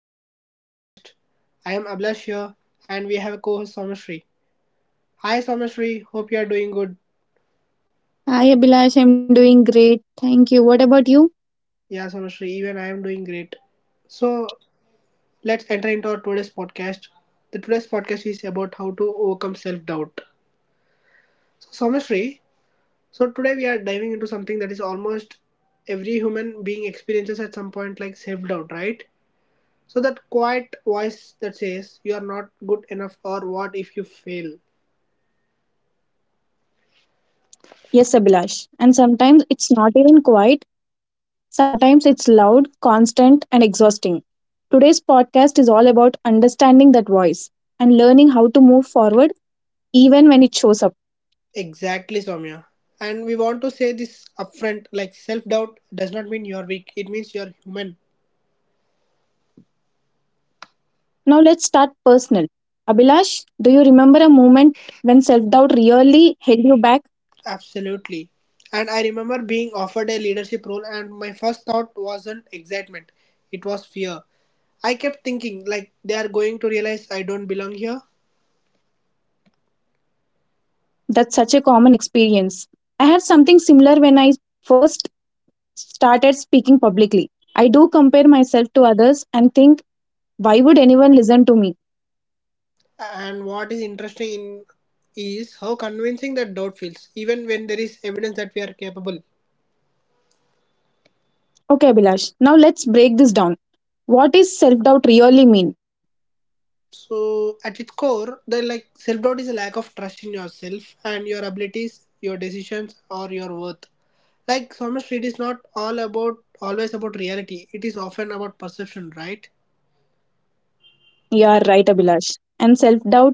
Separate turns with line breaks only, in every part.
welcome to our podcast. I am Ablash here and we have a co-host Somashri. Hi Somashri, hope you are doing good.
Hi Abhilash, I'm doing great. Thank you. What about you?
Yeah Somashri, even I am doing great. So let's enter into our today's podcast. The today's podcast is about how to overcome self-doubt. So Somashri, so today we are diving into something that is almost every human being experiences at some point like self-doubt, right? So that quiet voice that says you are not good enough or what if you fail?
Yes, Abhilash. And sometimes it's not even quiet, sometimes it's loud, constant, and exhausting. Today's podcast is all about understanding that voice and learning how to move forward even when it shows up.
Exactly, Soumya. And we want to say this upfront like self doubt does not mean you're weak, it means you're human.
Now, let's start personal. Abhilash, do you remember a moment when self doubt really held you back?
Absolutely. And I remember being offered a leadership role, and my first thought wasn't excitement, it was fear. I kept thinking, like, they are going to realize I don't belong here.
That's such a common experience. I had something similar when I first started speaking publicly. I do compare myself to others and think, why would anyone listen to me?
And what is interesting in is how convincing that doubt feels, even when there is evidence that we are capable.
Okay, Abhilash, now let's break this down. What is self doubt really mean?
So, at its core, the like self doubt is a lack of trust in yourself and your abilities, your decisions, or your worth. Like Summer Street is not all about always about reality. It is often about perception, right?
You are right, Abhilash. And self doubt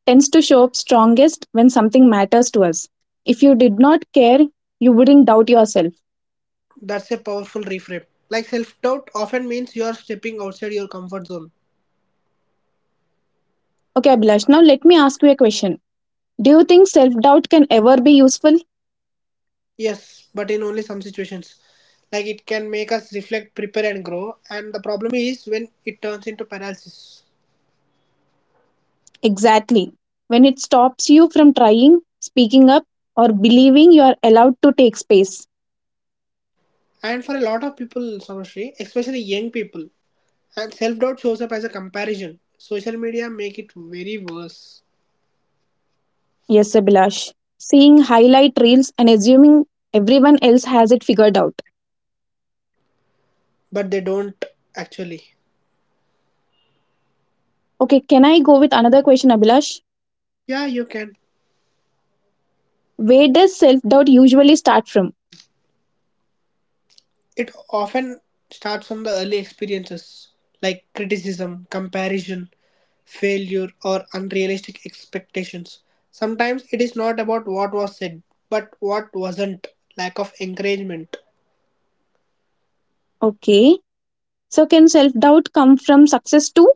tends to show up strongest when something matters to us. If you did not care, you wouldn't doubt yourself.
That's a powerful reframe. Like self doubt often means you are stepping outside your comfort zone.
Okay, Abhilash, now let me ask you a question. Do you think self doubt can ever be useful?
Yes, but in only some situations. Like it can make us reflect, prepare, and grow. And the problem is when it turns into paralysis.
Exactly. When it stops you from trying, speaking up, or believing you are allowed to take space.
And for a lot of people, Samashri, especially young people, and self doubt shows up as a comparison. Social media make it very worse,
Yes, Abhilash. Seeing highlight reels and assuming everyone else has it figured out.
but they don't actually.
Okay, can I go with another question, Abhilash?
Yeah, you can.
Where does self doubt usually start from?
It often starts from the early experiences like criticism, comparison, failure, or unrealistic expectations. Sometimes it is not about what was said, but what wasn't, lack of encouragement.
Okay, so can self doubt come from success too?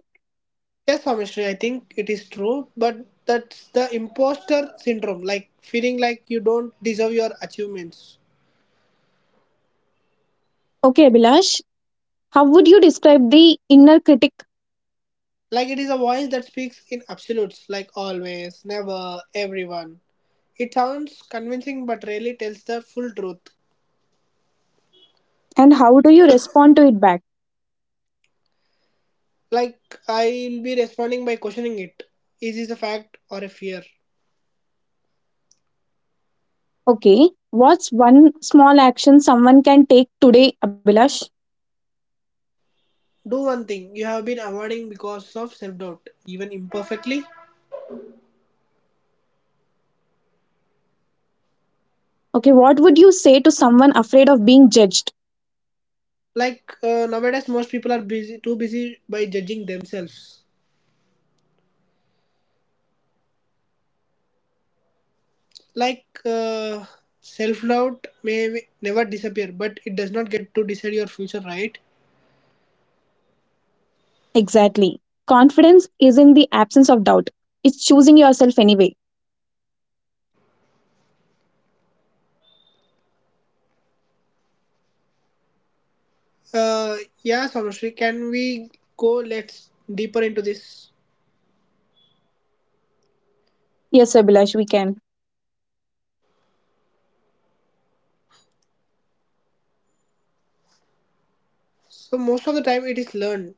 Yes, Amishri, I think it is true, but that's the imposter syndrome, like feeling like you don't deserve your achievements.
Okay, Abhilash, how would you describe the inner critic
Like it is a voice that speaks in absolutes, like always, never, everyone. It sounds convincing but rarely tells the full truth.
and how do you respond to it back?
Like I'll be responding by questioning it. Is this a fact or a fear?
Okay, what's one small action someone can take today, Abhilash?
Do one thing you have been avoiding because of self doubt, even imperfectly.
Okay, what would you say to someone afraid of being judged?
Like nowadays, most people are busy, too busy by judging themselves. Like self doubt may never disappear, but it does not get to decide your future, right?
Exactly. Confidence is in the absence of doubt. It's choosing yourself anyway.
Uh, yeah, Samashri, can we go let's deeper into this?
Yes, Abhilash, we can.
So most of the time it is learned.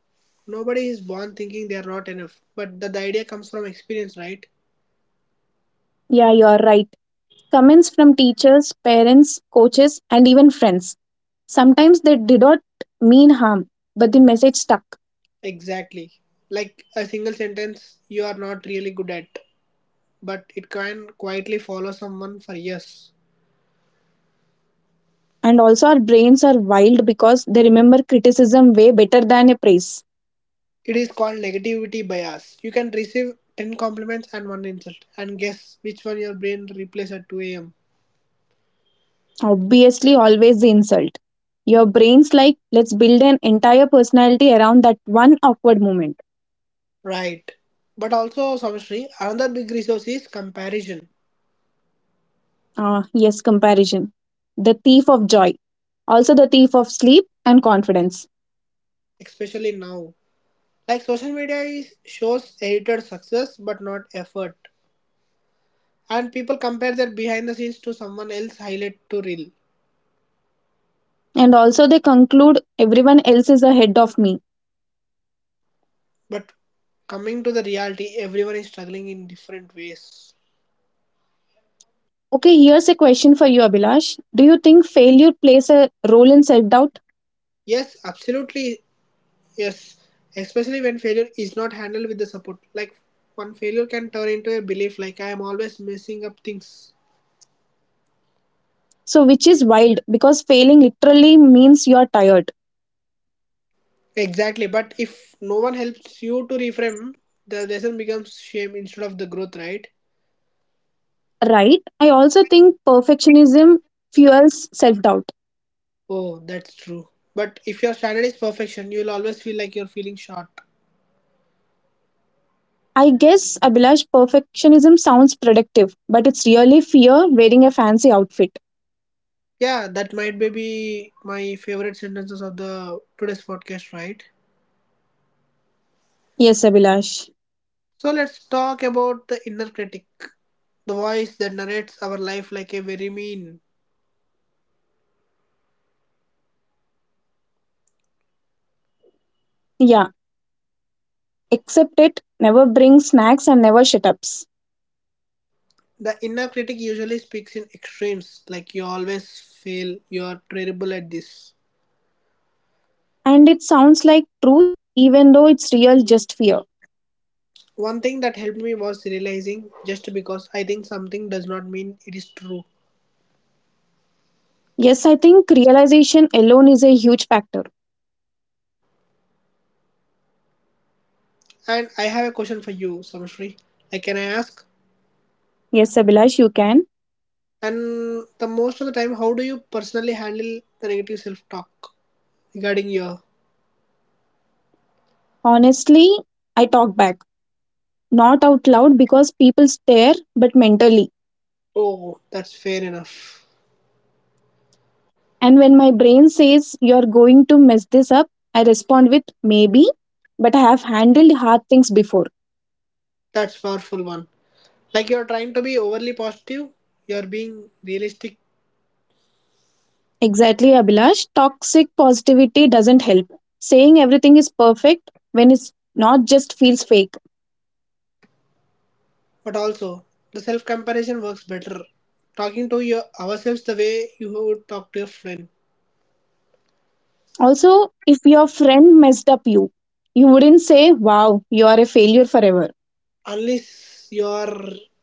Nobody is born thinking they are not enough, but the idea comes from experience, right?
Yeah, you are right. Comments from teachers, parents, coaches, and even friends. Sometimes they did not mean harm, but the message stuck.
Exactly. Like a single sentence you are not really good at, but it can quietly follow someone for years.
And also, our brains are wild because they remember criticism way better than a praise.
It is called negativity bias. You can receive 10 compliments and one insult, and guess which one your brain replays at 2 am.
Obviously, always the insult. Your brain's like, let's build an entire personality around that one awkward moment.
Right. But also, Samashri, another big resource is comparison.
Ah, yes, comparison. The thief of joy. Also, the thief of sleep and confidence.
Especially now. Like social media is shows edited success but not effort. And people compare their behind the scenes to someone else highlight to reel.
And also, they conclude everyone else is ahead of me.
But coming to the reality, everyone is struggling in different ways.
Okay, here's a question for you, Abhilash. Do you think failure plays a role in self doubt?
Yes, absolutely yes. Especially when failure is not handled with the support. Like one failure can turn into a belief like I am always messing up things.
So, which is wild because failing literally means you're tired,
Exactly. But if no one helps you to reframe, the lesson becomes shame instead of the growth, right?
right? I also think perfectionism fuels self doubt.
Oh, that's true. But if your standard is perfection, you'll always feel like you're feeling short.
I guess Abhilash perfectionism sounds productive, but it's really fear wearing a fancy outfit.
Yeah, that might be my favorite sentences of the today's podcast, right?
Yes, Abhilash.
So let's talk about the inner critic, the voice that narrates our life like a very mean.
Yeah, accept it, never bring snacks and never shut ups.
The inner critic usually speaks in extremes, like you always fail, you're terrible at this.
And it sounds like truth, even though it's real just fear.
One thing that helped me was realizing just because I think something does not mean it is true.
Yes, I think realization alone is a huge factor.
And I have a question for you, Samshri. Like, can I ask?
Yes, Abhilash, you can.
And the most of the time, how do you personally handle the negative self-talk regarding your?
Honestly, I talk back. Not out loud because people stare, but mentally.
Oh, that's fair enough.
And when my brain says you're going to mess this up, I respond with maybe, but I have handled hard things before.
That's powerful one. Like you're trying to be overly positive, you're being realistic,
Exactly, Abhilash. Toxic positivity doesn't help. Saying everything is perfect when it's not just feels fake.
but also the self-comparison works better. Talking to your ourselves the way you would talk to a friend,
Also, if your friend messed up you, you wouldn't say, wow, you are a failure forever.
unless you're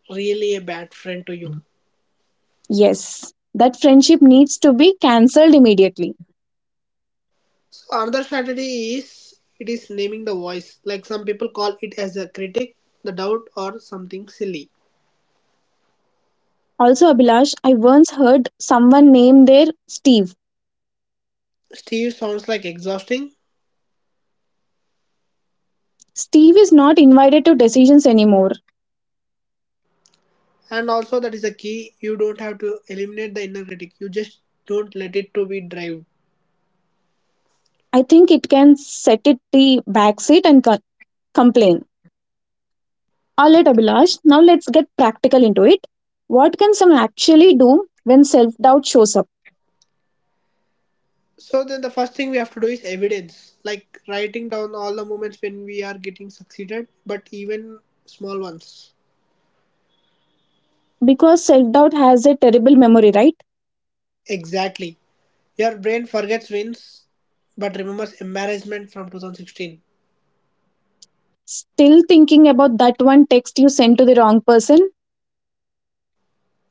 really a bad friend to you.
Yes, that friendship needs to be cancelled immediately.
So another strategy is it is naming the voice. Like some people call it as a critic, the doubt, or something silly.
Also, Abhilash, I once heard someone name their Steve.
Steve sounds like exhausting,
Steve is not invited to decisions anymore.
and also that is the key. You don't have to eliminate the inner critic. You just don't let it to be drive.
I think it can set it the back seat and complain. All right, Abhilash, now let's get practical into it. What can someone actually do when self doubt shows up?
So then the first thing we have to do is evidence, like writing down all the moments when we are getting succeeded, but even small ones.
Because self doubt has a terrible memory, right?
Exactly. Your brain forgets wins, but remembers embarrassment from 2016.
Still thinking about that one text you sent to the wrong person.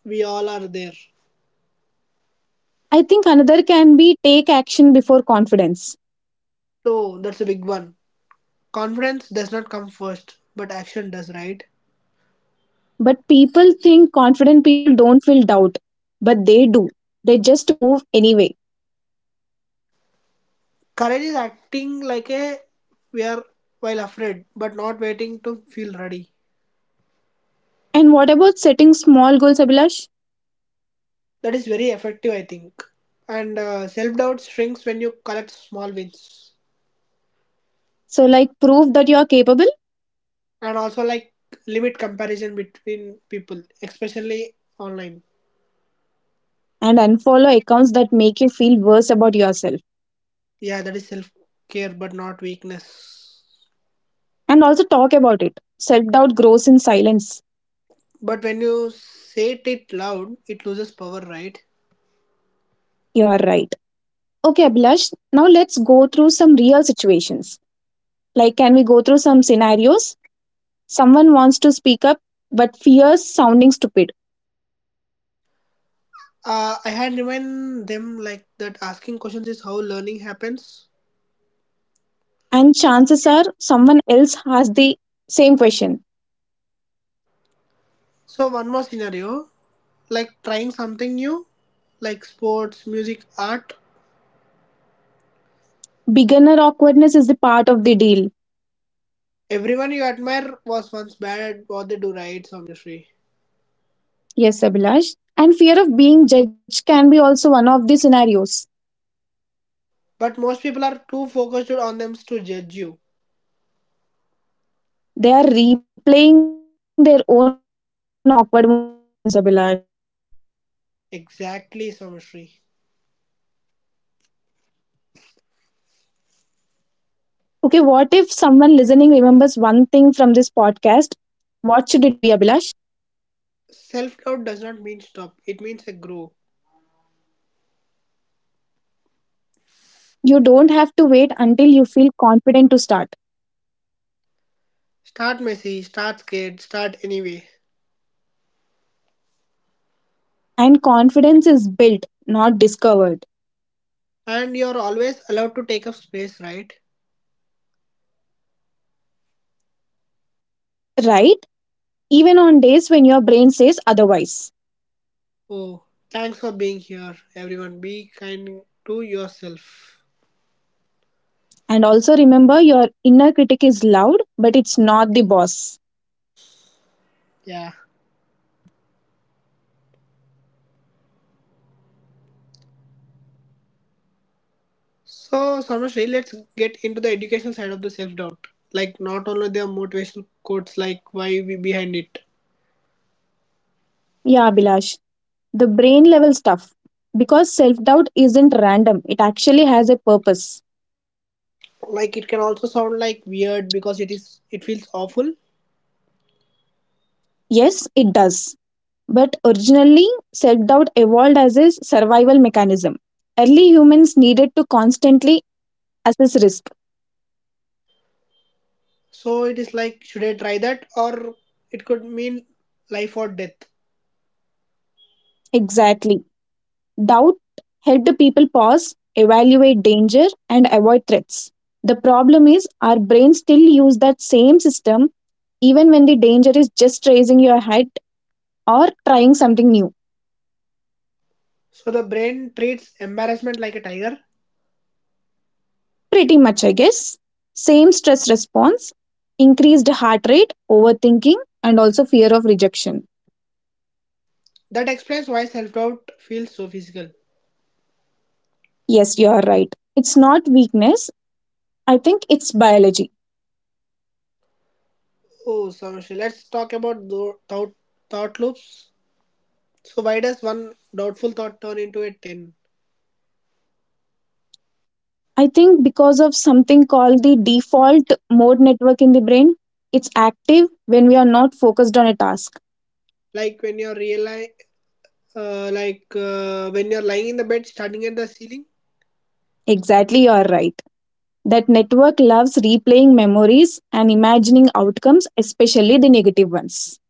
We all are there.
I think another can be take action before confidence.
So that's a big one. Confidence does not come first, but action does, right?
But people think confident people don't feel doubt, but they do. They just move anyway.
Courage is acting like a we are while afraid, but not waiting to feel ready.
And what about setting small goals, Abhilash?
That is very effective, I think. And self doubt shrinks when you collect small wins.
So, like, prove that you are capable
And also, like, limit comparison between people, especially online.
and unfollow accounts that make you feel worse about yourself
Yeah, that is self care, but not weakness.
and also talk about it. Self doubt grows in silence.
But when you say it loud, it loses power, right?
You're right. Okay, Abhilash, now let's go through some real situations. Like, can we go through some scenarios? Someone wants to speak up but fears sounding stupid,
I had remind them like that asking questions is how learning happens.
and chances are someone else has the same question.
So one more scenario. Like trying something new, like sports, music, art.
Beginner awkwardness is the part of the deal.
Everyone you admire was once bad at what they do, right? Samishri.
Yes, Abhilash. And fear of being judged can be also one of the scenarios.
But most people are too focused on them to judge you.
They are replaying their own awkward moments, Abhilash.
Exactly, Samishri.
Okay, what if someone listening remembers one thing from this podcast? What should it be, Abhilash?
Self doubt does not mean stop, it means a grow.
You don't have to wait until you feel confident to start.
Start messy, start scared, start anyway.
And confidence is built, not discovered,
And you're always allowed to take up space, right?
right? Even on days when your brain says otherwise.
Oh, thanks for being here, everyone. Be kind to yourself.
And also remember your inner critic is loud, but it's not the boss.
Yeah. So, Samrashri, let's get into the educational side of the self doubt. Like, not only their motivational quotes, like why we behind it.
Yeah, Abhilash. The brain level stuff. Because self doubt isn't random, it actually has a purpose.
Like, it can also sound like weird because it is it feels awful.
Yes, it does. But originally, self doubt evolved as a survival mechanism. Early humans needed to constantly assess risk.
So it is like, should I try that, or it could mean life or death.
Exactly. Doubt helped people pause, evaluate danger, and avoid threats. The problem is, our brains still use that same system even when the danger is just raising your head or trying something new.
So the brain treats embarrassment like a tiger.
Pretty much, I guess. Same stress response, increased heart rate, overthinking, and also fear of rejection.
That explains why self doubt feels so physical.
Yes, you are right. It's not weakness. I think it's biology.
Oh, Samrashri, let's talk about thought loops. So why does one doubtful thought turn into a ten?
I think because of something called the default mode network in the brain, it's active when we are not focused on a task.
Like when you're reali like when you're lying in the bed starting at the ceiling,
Exactly, you are right. That network loves replaying memories and imagining outcomes, especially the negative ones.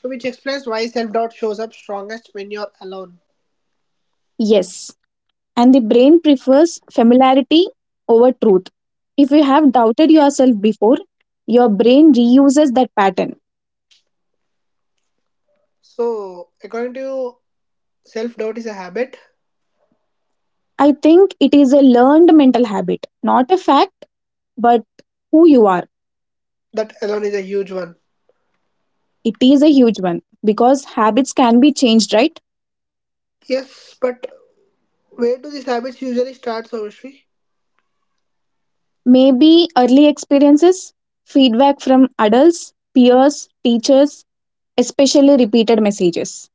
so which explains why self-doubt shows up strongest when you're alone.
Yes, and the brain prefers familiarity over truth. If you have doubted yourself before, your brain reuses that pattern.
So according to you self-doubt is a habit.
I think it is a learned mental habit, not a fact, but who you are.
That alone is a huge one.
It is a huge one because habits can be changed, right?
Yes, but where do these habits usually start Sarvashri?
Maybe early experiences, feedback from adults, peers, teachers, especially repeated messages.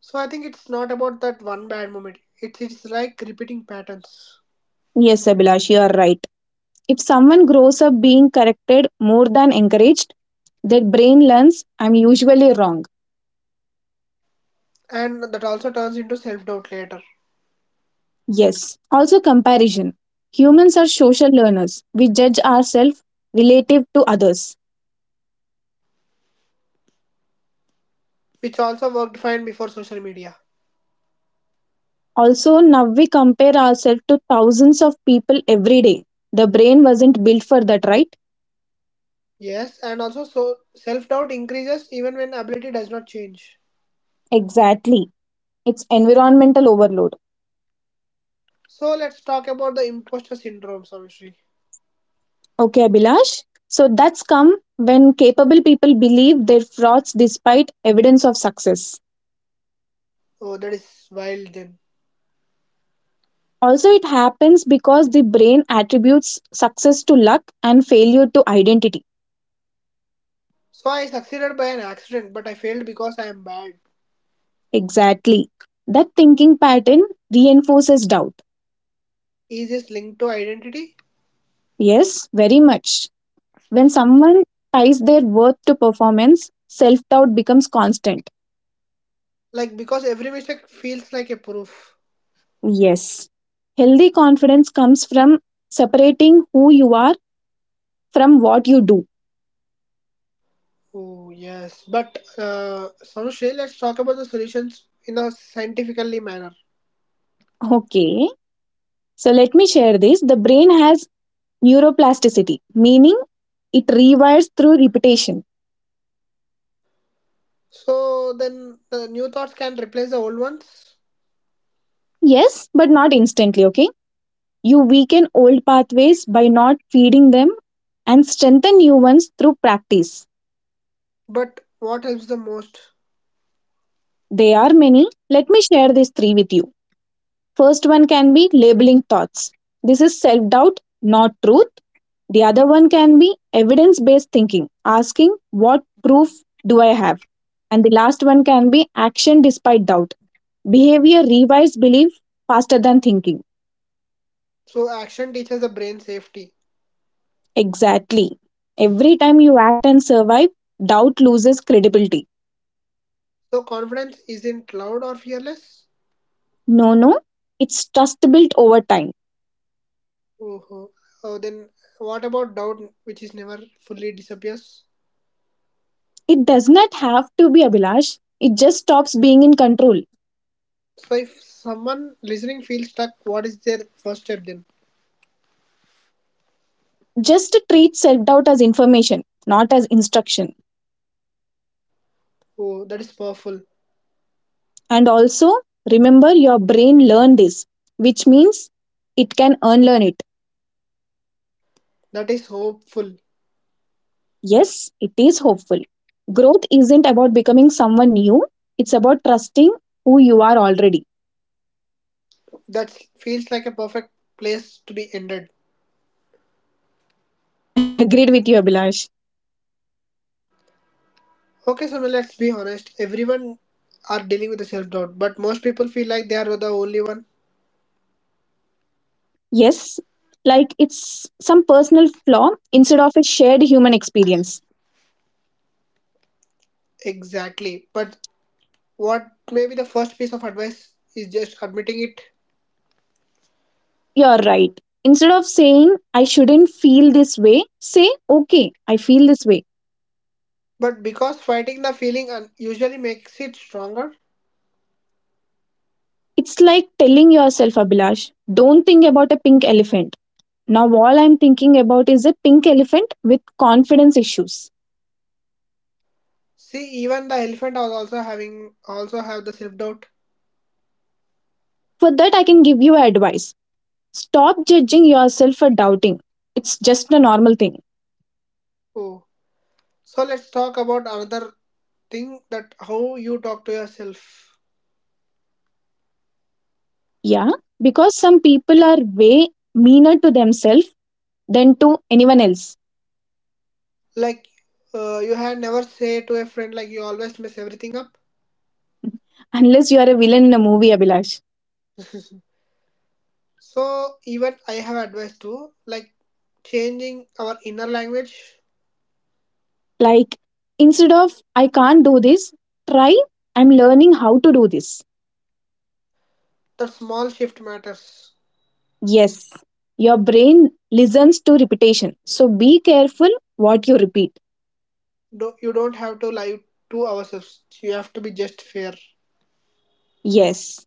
So I think it's not about that one bad moment, it's like repeating patterns,
Yes, Abhilash, you are right. If someone grows up being corrected more than encouraged, their brain learns I'm usually wrong.
and that also turns into self-doubt later,
Yes. Also, comparison. Humans are social learners. We judge ourselves relative to others.
which also worked fine before social media.
Also, now we compare ourselves to thousands of people every day. The brain wasn't built for that, right?
Yes, and also so self-doubt increases even when ability does not change.
Exactly. It's environmental overload.
So let's talk about the imposter syndrome, Savishri.
Okay, Abhilash. So that's come when capable people believe they're frauds despite evidence of success.
Oh, that is wild then.
Also, it happens because the brain attributes success to luck and failure to identity.
So I succeeded by an accident, but I failed because I am bad.
Exactly. That thinking pattern reinforces doubt.
Is this linked to identity?
Yes, very much. When someone ties their worth to performance, self doubt becomes constant.
Like because every mistake feels like a proof.
Yes. Healthy confidence comes from separating who you are from what you do.
Oh yes, but Savishri, let's talk about the solutions in a scientifically manner.
Okay. So let me share this. The brain has neuroplasticity, meaning it rewires through repetition.
So then the new thoughts can replace the old ones,
Yes, but not instantly. Okay. You weaken old pathways by not feeding them and strengthen new ones through practice.
but what helps the most?
They are many. Let me share these three with you. First one can be labeling thoughts. This is self doubt, not truth. The other one can be evidence based thinking, asking what proof do I have? And the last one can be action despite doubt. Behavior revives belief faster than thinking.
So action teaches the brain safety.
Exactly. Every time you act and survive, doubt loses credibility.
So confidence isn't loud or fearless.
No, no. It's trust built over time.
Oh, oh, oh, then what about doubt, which is never fully disappears?
It does not have to be Abhilash. It just stops being in control.
So if someone listening feels stuck, what is their first step then?
Just treat self doubt as information, not as instruction.
Oh, that is powerful.
And also, remember your brain learned this, which means it can unlearn it.
That is hopeful.
Yes, it is hopeful. Growth isn't about becoming someone new, it's about trusting who you are already.
That feels like a perfect place to be ended.
Agreed with you, Abhilash.
Okay, so let's be honest. Everyone are dealing with the self doubt, but most people feel like they are the only one.
Yes, like it's some personal flaw instead of a shared human experience.
Exactly. But what maybe the first piece of advice is just admitting it.
You're right. Instead of saying, I shouldn't feel this way, say, okay, I feel this way.
But because fighting the feeling usually makes it stronger.
It's like telling yourself, Abhilash, don't think about a pink elephant. Now, all I'm thinking about is a pink elephant with confidence issues.
See, even the elephant was also having also have the self doubt.
For that, I can give you advice. Stop judging yourself for doubting. It's just a normal thing.
Oh, so let's talk about another thing that how you talk to yourself.
Yeah, because some people are way meaner to themselves than to anyone else.
Like, you had never say to a friend like you always mess everything up.
Unless you are a villain in a movie, Abhilash.
So even I have advice too, like changing our inner language.
Like, instead of, I can't do this, try, I'm learning how to do this.
That small shift matters.
Yes, your brain listens to repetition. So be careful what you repeat.
Do you don't have to lie to ourselves. You have to be just fair.
Yes.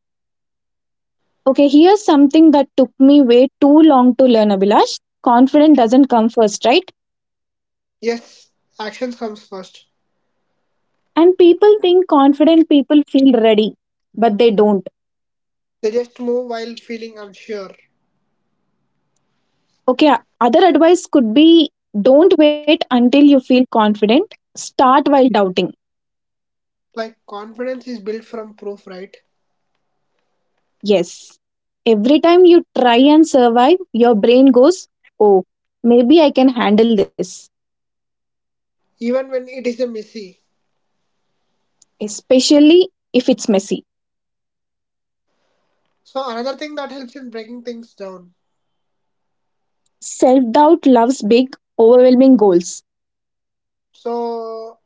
Okay, here's something that took me way too long to learn, Abhilash. Confident doesn't come first, right?
Yes, actions comes first.
And people think confident people feel ready, but they don't.
They just move while feeling unsure.
Okay, other advice could be don't wait until you feel confident, start while doubting.
Like confidence is built from proof right,
Yes. Every time you try and survive, your brain goes, oh, maybe I can handle this,
even when it is a messy.
especially if it's messy.
So another thing that helps in breaking things down,
Self doubt loves big, overwhelming goals.
so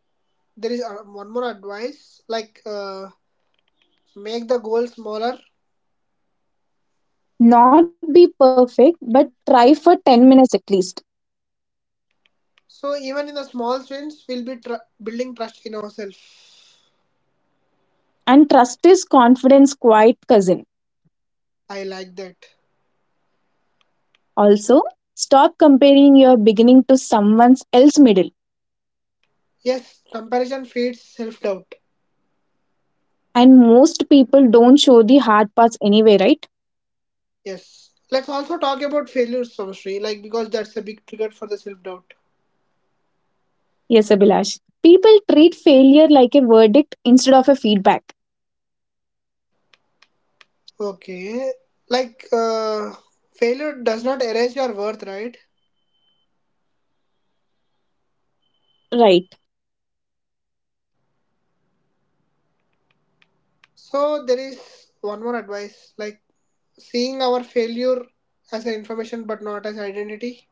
there is one more advice like make the goal smaller,
Not be perfect, but try for 10 minutes at least.
so even in the small wins we'll be building trust in ourselves.
And trust is confidence quiet cousin.
I like that.
Also, stop comparing your beginning to someone else's middle.
Yes, comparison feeds self-doubt.
And most people don't show the hard parts anyway, right?
Yes, let's also talk about failures Samshri, like because that's a big trigger for the self-doubt.
Yes, Abhilash. People treat failure like a verdict instead of a feedback.
Okay, like failure does not erase your worth right.
Right.
So there is one more advice like seeing our failure as an information but not as identity.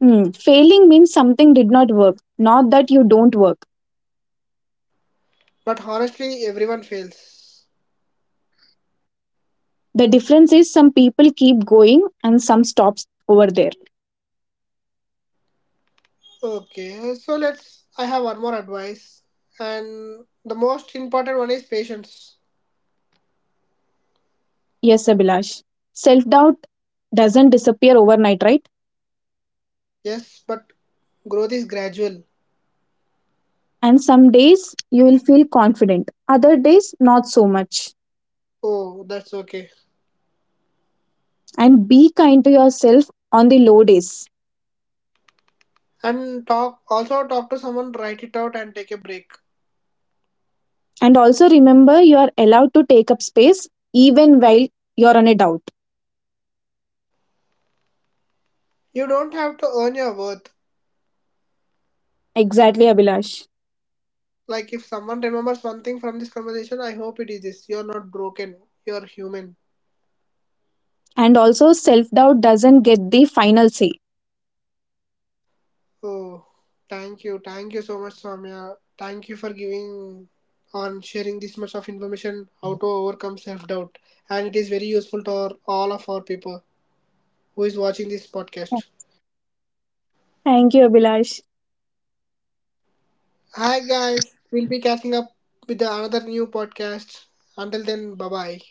Hmm. Failing means something did not work, not that you don't work.
But honestly, everyone fails.
The difference is some people keep going and some stops over there.
Okay, so let's. I have one more advice, and the most important one is patience.
Yes, Abhilash. Self doubt doesn't disappear overnight, right?
Yes, but growth is gradual.
And some days you will feel confident, other days not so much.
Oh, that's okay.
And be kind to yourself on the low days.
And talk also talk to someone, write it out, and take a break.
And also remember you are allowed to take up space even while you're on a doubt.
You don't have to earn your worth.
Exactly, Abhilash.
Like if someone remembers one thing from this conversation, I hope it is this: you're not broken. You're human.
And also, self doubt doesn't get the final say.
Oh, thank you. Thank you so much, Soumya. Thank you for giving on sharing this much of information how to overcome self-doubt. And it is very useful to our, all of our people who is watching this podcast.
Thank you, Abhilash.
Hi guys, we'll be catching up with the another new podcast. Until then, bye-bye.